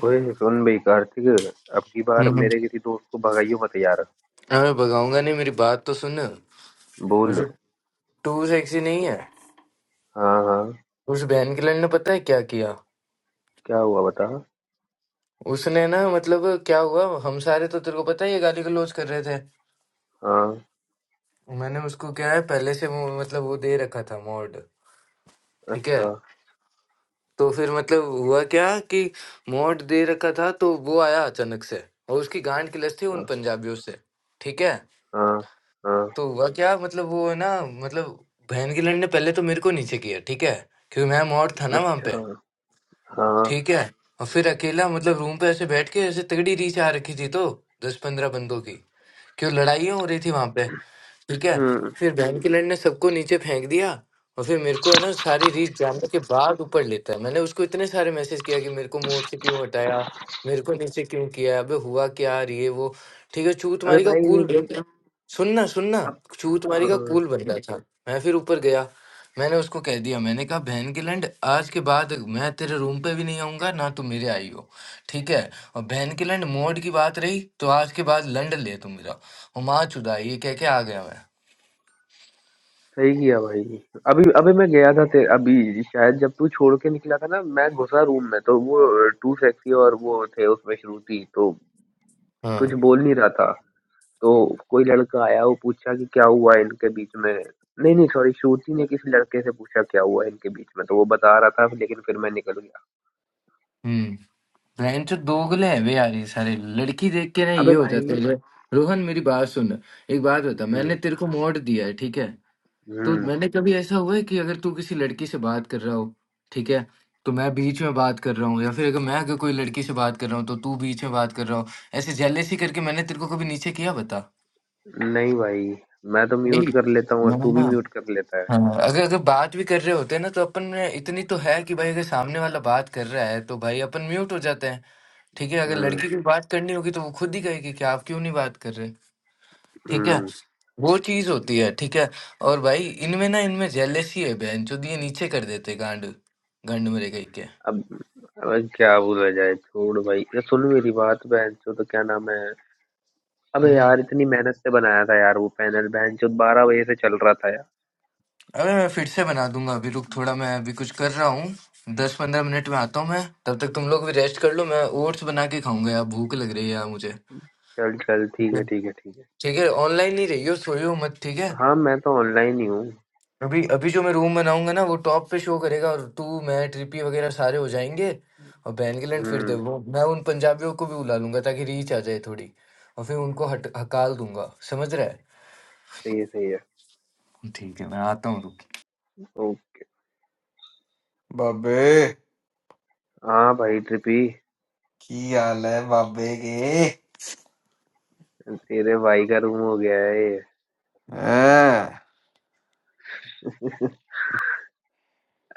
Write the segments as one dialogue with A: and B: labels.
A: ओए सुन बे कार्तिक अब की बार
B: हम्म।
A: मेरे किसी दोस्त को भगाइयो मत यार
B: अरे भगाऊंगा नहीं मेरी बात तो सुन वो
A: बोल
B: जो टू सेक्सी नहीं है
A: हाँ हाँ
B: उस बहन के लड़ ने पता है क्या किया
A: क्या हुआ बता
B: उसने ना मतलब क्या हुआ हम सारे तो तेरे को पता है ये गाली गलौज कर रहे थे
A: हाँ
B: मैंने उसको क्या है पहले से वो- मतलब वो दे रखा था मोड ठीक है
A: अच्छा
B: तो फिर मतलब हुआ क्या कि मोड दे रखा था तो वो आया अचानक से और उसकी गांड की लस थी उन
A: हाँ
B: पंजाबियों से ठीक है
A: हाँ हाँ,
B: तो हुआ क्या मतलब वो है ना मतलब बहन की लड़ ने पहले तो मेरे को नीचे किया ठीक है क्योंकि मैं मोड था ना वहां
A: अच्छा
B: पे
A: हाँ
B: ठीक है और फिर अकेला मतलब रूम पे ऐसे बैठ के ऐसे तगड़ी रीछ आ रखी थी तो दस पंद्रह बंदों की क्यों लड़ाइयाँ हो रही थी वहां पे ठीक है
A: हम्म
B: फिर बहन की लड़ने सबको नीचे फेंक दिया और फिर मेरे को है ना सारी रीच जानने के बाद ऊपर लेता है मैंने उसको इतने सारे मैसेज किया कि मेरे को मोड से क्यों हटाया मेरे को नीचे क्यों किया अबे हुआ क्या यार ये वो ठीक है छू
A: अबे
B: तुम्हारी का
A: भाई
B: कूल बंदा सुनना सुनना
A: अब
B: छू तुम्हारी का
A: हाँ,
B: कूल बंदा था मैं फिर ऊपर गया मैंने उसको कह दिया मैंने कहा बहन की लैंड आज के बाद मैं तेरे रूम पे भी नहीं आऊंगा ना तू मेरे आई हो ठीक है और बहन की लैंड मोड की बात रही तो आज के बाद लैंड ले तू मेरा हुमा चुदा ये कह के आ गया मैं
A: सही किया भाई अभी अबे मैं गया था तेरे अभी शायद जब तू छोड़ के निकला था ना मैं घुसा रूम में तो वो टू सेक्सी और वो थे उसमें श्रुति तो
B: हाँ
A: कुछ बोल नहीं रहा था तो कोई लड़का आया वो पूछा कि क्या हुआ इनके बीच में नहीं, नहीं सॉरी श्रुति ने किसी लड़के से पूछा क्या हुआ इनके बीच में तो वो बता रहा था लेकिन फिर मैं निकल गया।
B: हम्म बहन चो दोगले हैं वे यार ये सारे लड़की देख के ना
A: अबे
B: ये हो
A: भाई
B: जाता है रो- रोहन मेरी बात सुन एक बात बता
A: हुँ,
B: मैंने तेरे को मोड़ दिया है ठीक है तो
A: हुँ,
B: मैंने कभी ऐसा हुआ है कि अगर तू किसी लड़की से बात कर रहा हो ठीक है तो मैं बीच में बात कर रहा हूँ या फिर अगर मैं अगर कोई लड़की से बात कर रहा हूँ तो तू बीच में बात कर रहा हो ऐसे जेलेसी करके मैंने तेरे को कभी नीचे किया बता
A: नहीं भाई मैं तो म्यूट
B: नहीं
A: कर लेता हूँ और
B: ना
A: तू भी
B: ना।
A: म्यूट कर लेता है।
B: हाँ अगर अगर बात भी कर रहे होते हैं ना तो अपन में इतनी तो है कि भाई अगर सामने वाला बात कर रहा है तो भाई अपन म्यूट हो जाते हैं ठीक है अगर
A: हुँ,
B: लड़की को बात करनी होगी तो वो खुद ही कहेगी कि आप क्यों नहीं बात कर रहे ठीक है
A: हुँ,
B: वो चीज होती है ठीक है और भाई इनमें ना इनमें जेलेसी है बहन जो दिए नीचे कर देते गांड गांड मेरे कहीं के
A: अब अबे क्या बोला जाए छोड़ भाई अरे सुन मेरी बात बहनचोद तो क्या नाम है अबे
B: हम्म
A: यार इतनी मेहनत से बनाया था यार वो पैनल बहनचोद 12 बजे से चल रहा था यार।
B: अबे मैं फिर से बना दूंगा अभी रुक थोड़ा मैं अभी कुछ कर रहा हूँ दस पंद्रह मिनट में आता हूँ मैं तब तक तुम लोग भी रेस्ट कर लो मैं ओट्स बना के खाऊंगा यार भूख लग रही है यार मुझे
A: चल, चल
B: ठीक
A: ठीक है,
B: है,
A: ठीक है, ठीक है।
B: ठीक है ऑनलाइन नहीं रहियो सोइयो मत ठीक है
A: हाँ, मैं तो ऑनलाइन ही हूँ।
B: अभी अभी जो मैं रूम बनाऊंगा ना वो टॉप पे शो करेगा और तू मैं ट्रिपी वगैरह सारे हो जाएंगे और बैंगलैंड फिर दे
A: हुँ।
B: वो मैं उन पंजाबियों को भी बुला लूंगा ताकि रीच आ जाए थोड़ी और फिर उनको हट हकाल दूंगा समझ रहा है
A: सही है सही है
B: ठीक है मैं आता हूँ
A: ओ
C: बाबे
A: हाँ भाई ट्रिपी
C: की हाल है बाबे के
A: तेरे भाई का रूम हो गया है ये
C: हैं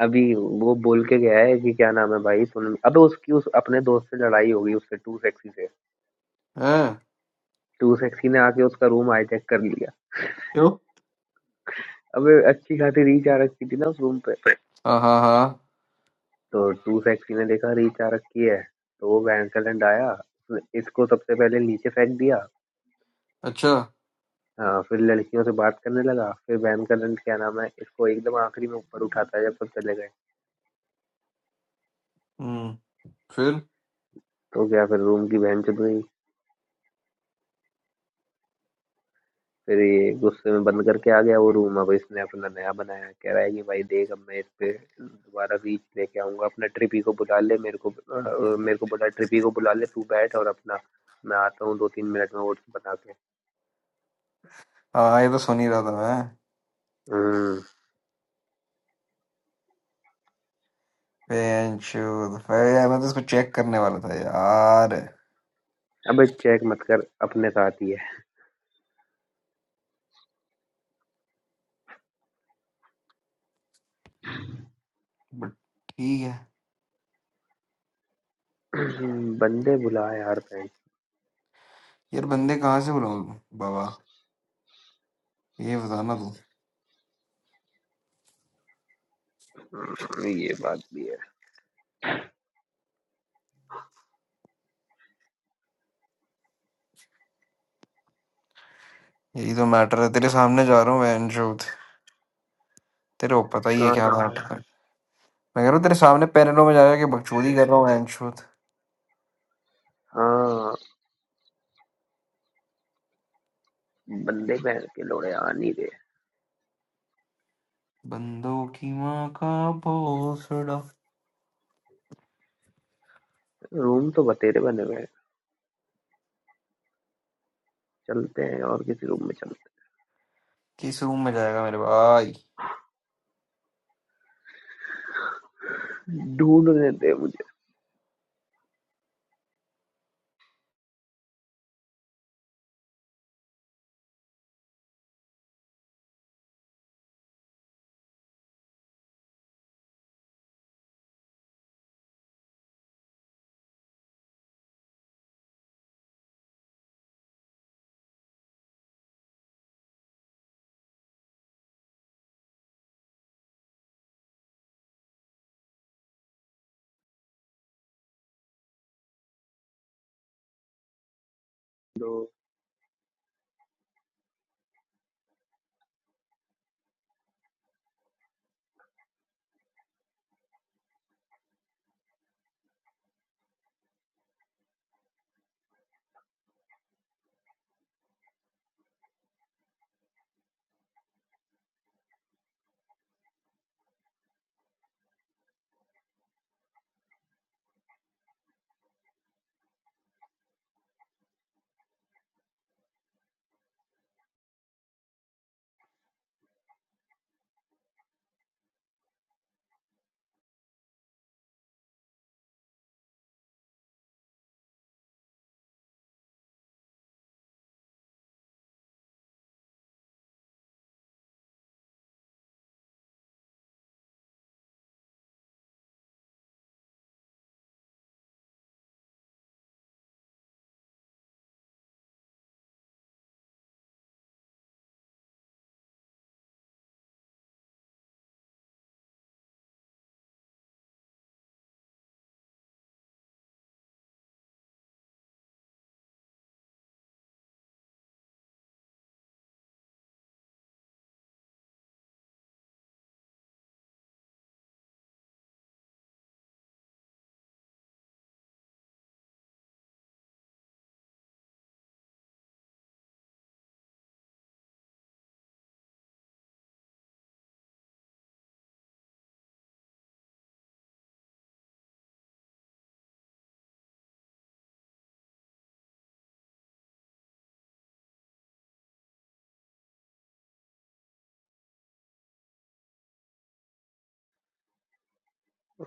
A: अभी वो बोल के गया है कि क्या नाम है भाई सुन अबे उसकी उस अपने दोस्त से लड़ाई हो गई उससे टू सेक्सी से
C: हैं
A: टू सेक्सी ने आके उसका रूम हाईजैक कर लिया
C: क्यों
A: अबे अच्छी खासी रीच आ रखी थी ना उस रूम पे
C: हाँ हाँ हाँ
A: तो टू सेक्सी ने देखा रीच आ रखी है तो वो बैंकलैंड आया उसने इसको सबसे पहले नीचे फेंक दिया
C: अच्छा
A: हाँ फिर लड़कियों से बात करने लगा फिर बैन करंट क्या नाम है इसको एकदम आखिरी में ऊपर उठाता है जब सब चले गए
C: हम्म फिर
A: तो क्या फिर रूम की बहन चल गई फिर ये गुस्से में बंद करके आ गया वो रूम अब इसने अपना नया बनाया कह रहा है कि भाई देख अब मैं इस पे दोबारा रीच लेके आऊंगा अपना ट्रिपी को बुला ले मेरे को अ, मेरे को बोला ट्रिपी को बुला ले तू बैठ और अपना मैं आता हूँ दो तीन मिनट में वोट्स बना के
C: हाँ ये तो सुन ही रहा था मैं
A: हम्म,
C: बेंचूद फिर यार, मैं तो इसको चेक करने वाला था यार
A: अबे चेक मत कर अपने साथ ही है
C: बट ठीक है
A: बंदे बुला यार बैंक
C: यार बंदे कहाँ से बुलाऊं बाबा ये बताना तू
A: ये बात भी है
C: यही तो मैटर है तेरे सामने जा रहा हूँ बेंचूद तेरे को पता ही है
A: कहाँ
C: क्या
A: जा रहा
C: मैटर
A: है
C: है मैं कह रहा हूँ तेरे सामने पैनलों में जा जाके बकचोदी कर रहा हूँ बेंचूद
A: हाँ बंदे बैंक के लोड़े आ नहीं रहे
C: बंदों की माँ का भोसड़ा
A: रूम तो बतेरे बने हुए हैं चलते हैं और किसी रूम में चलते
C: ¿Qué hizo húmeda la cámara?
A: हैं ढूंढने दे मुझे दो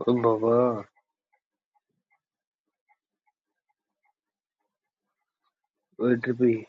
A: Oh, my God! Would be.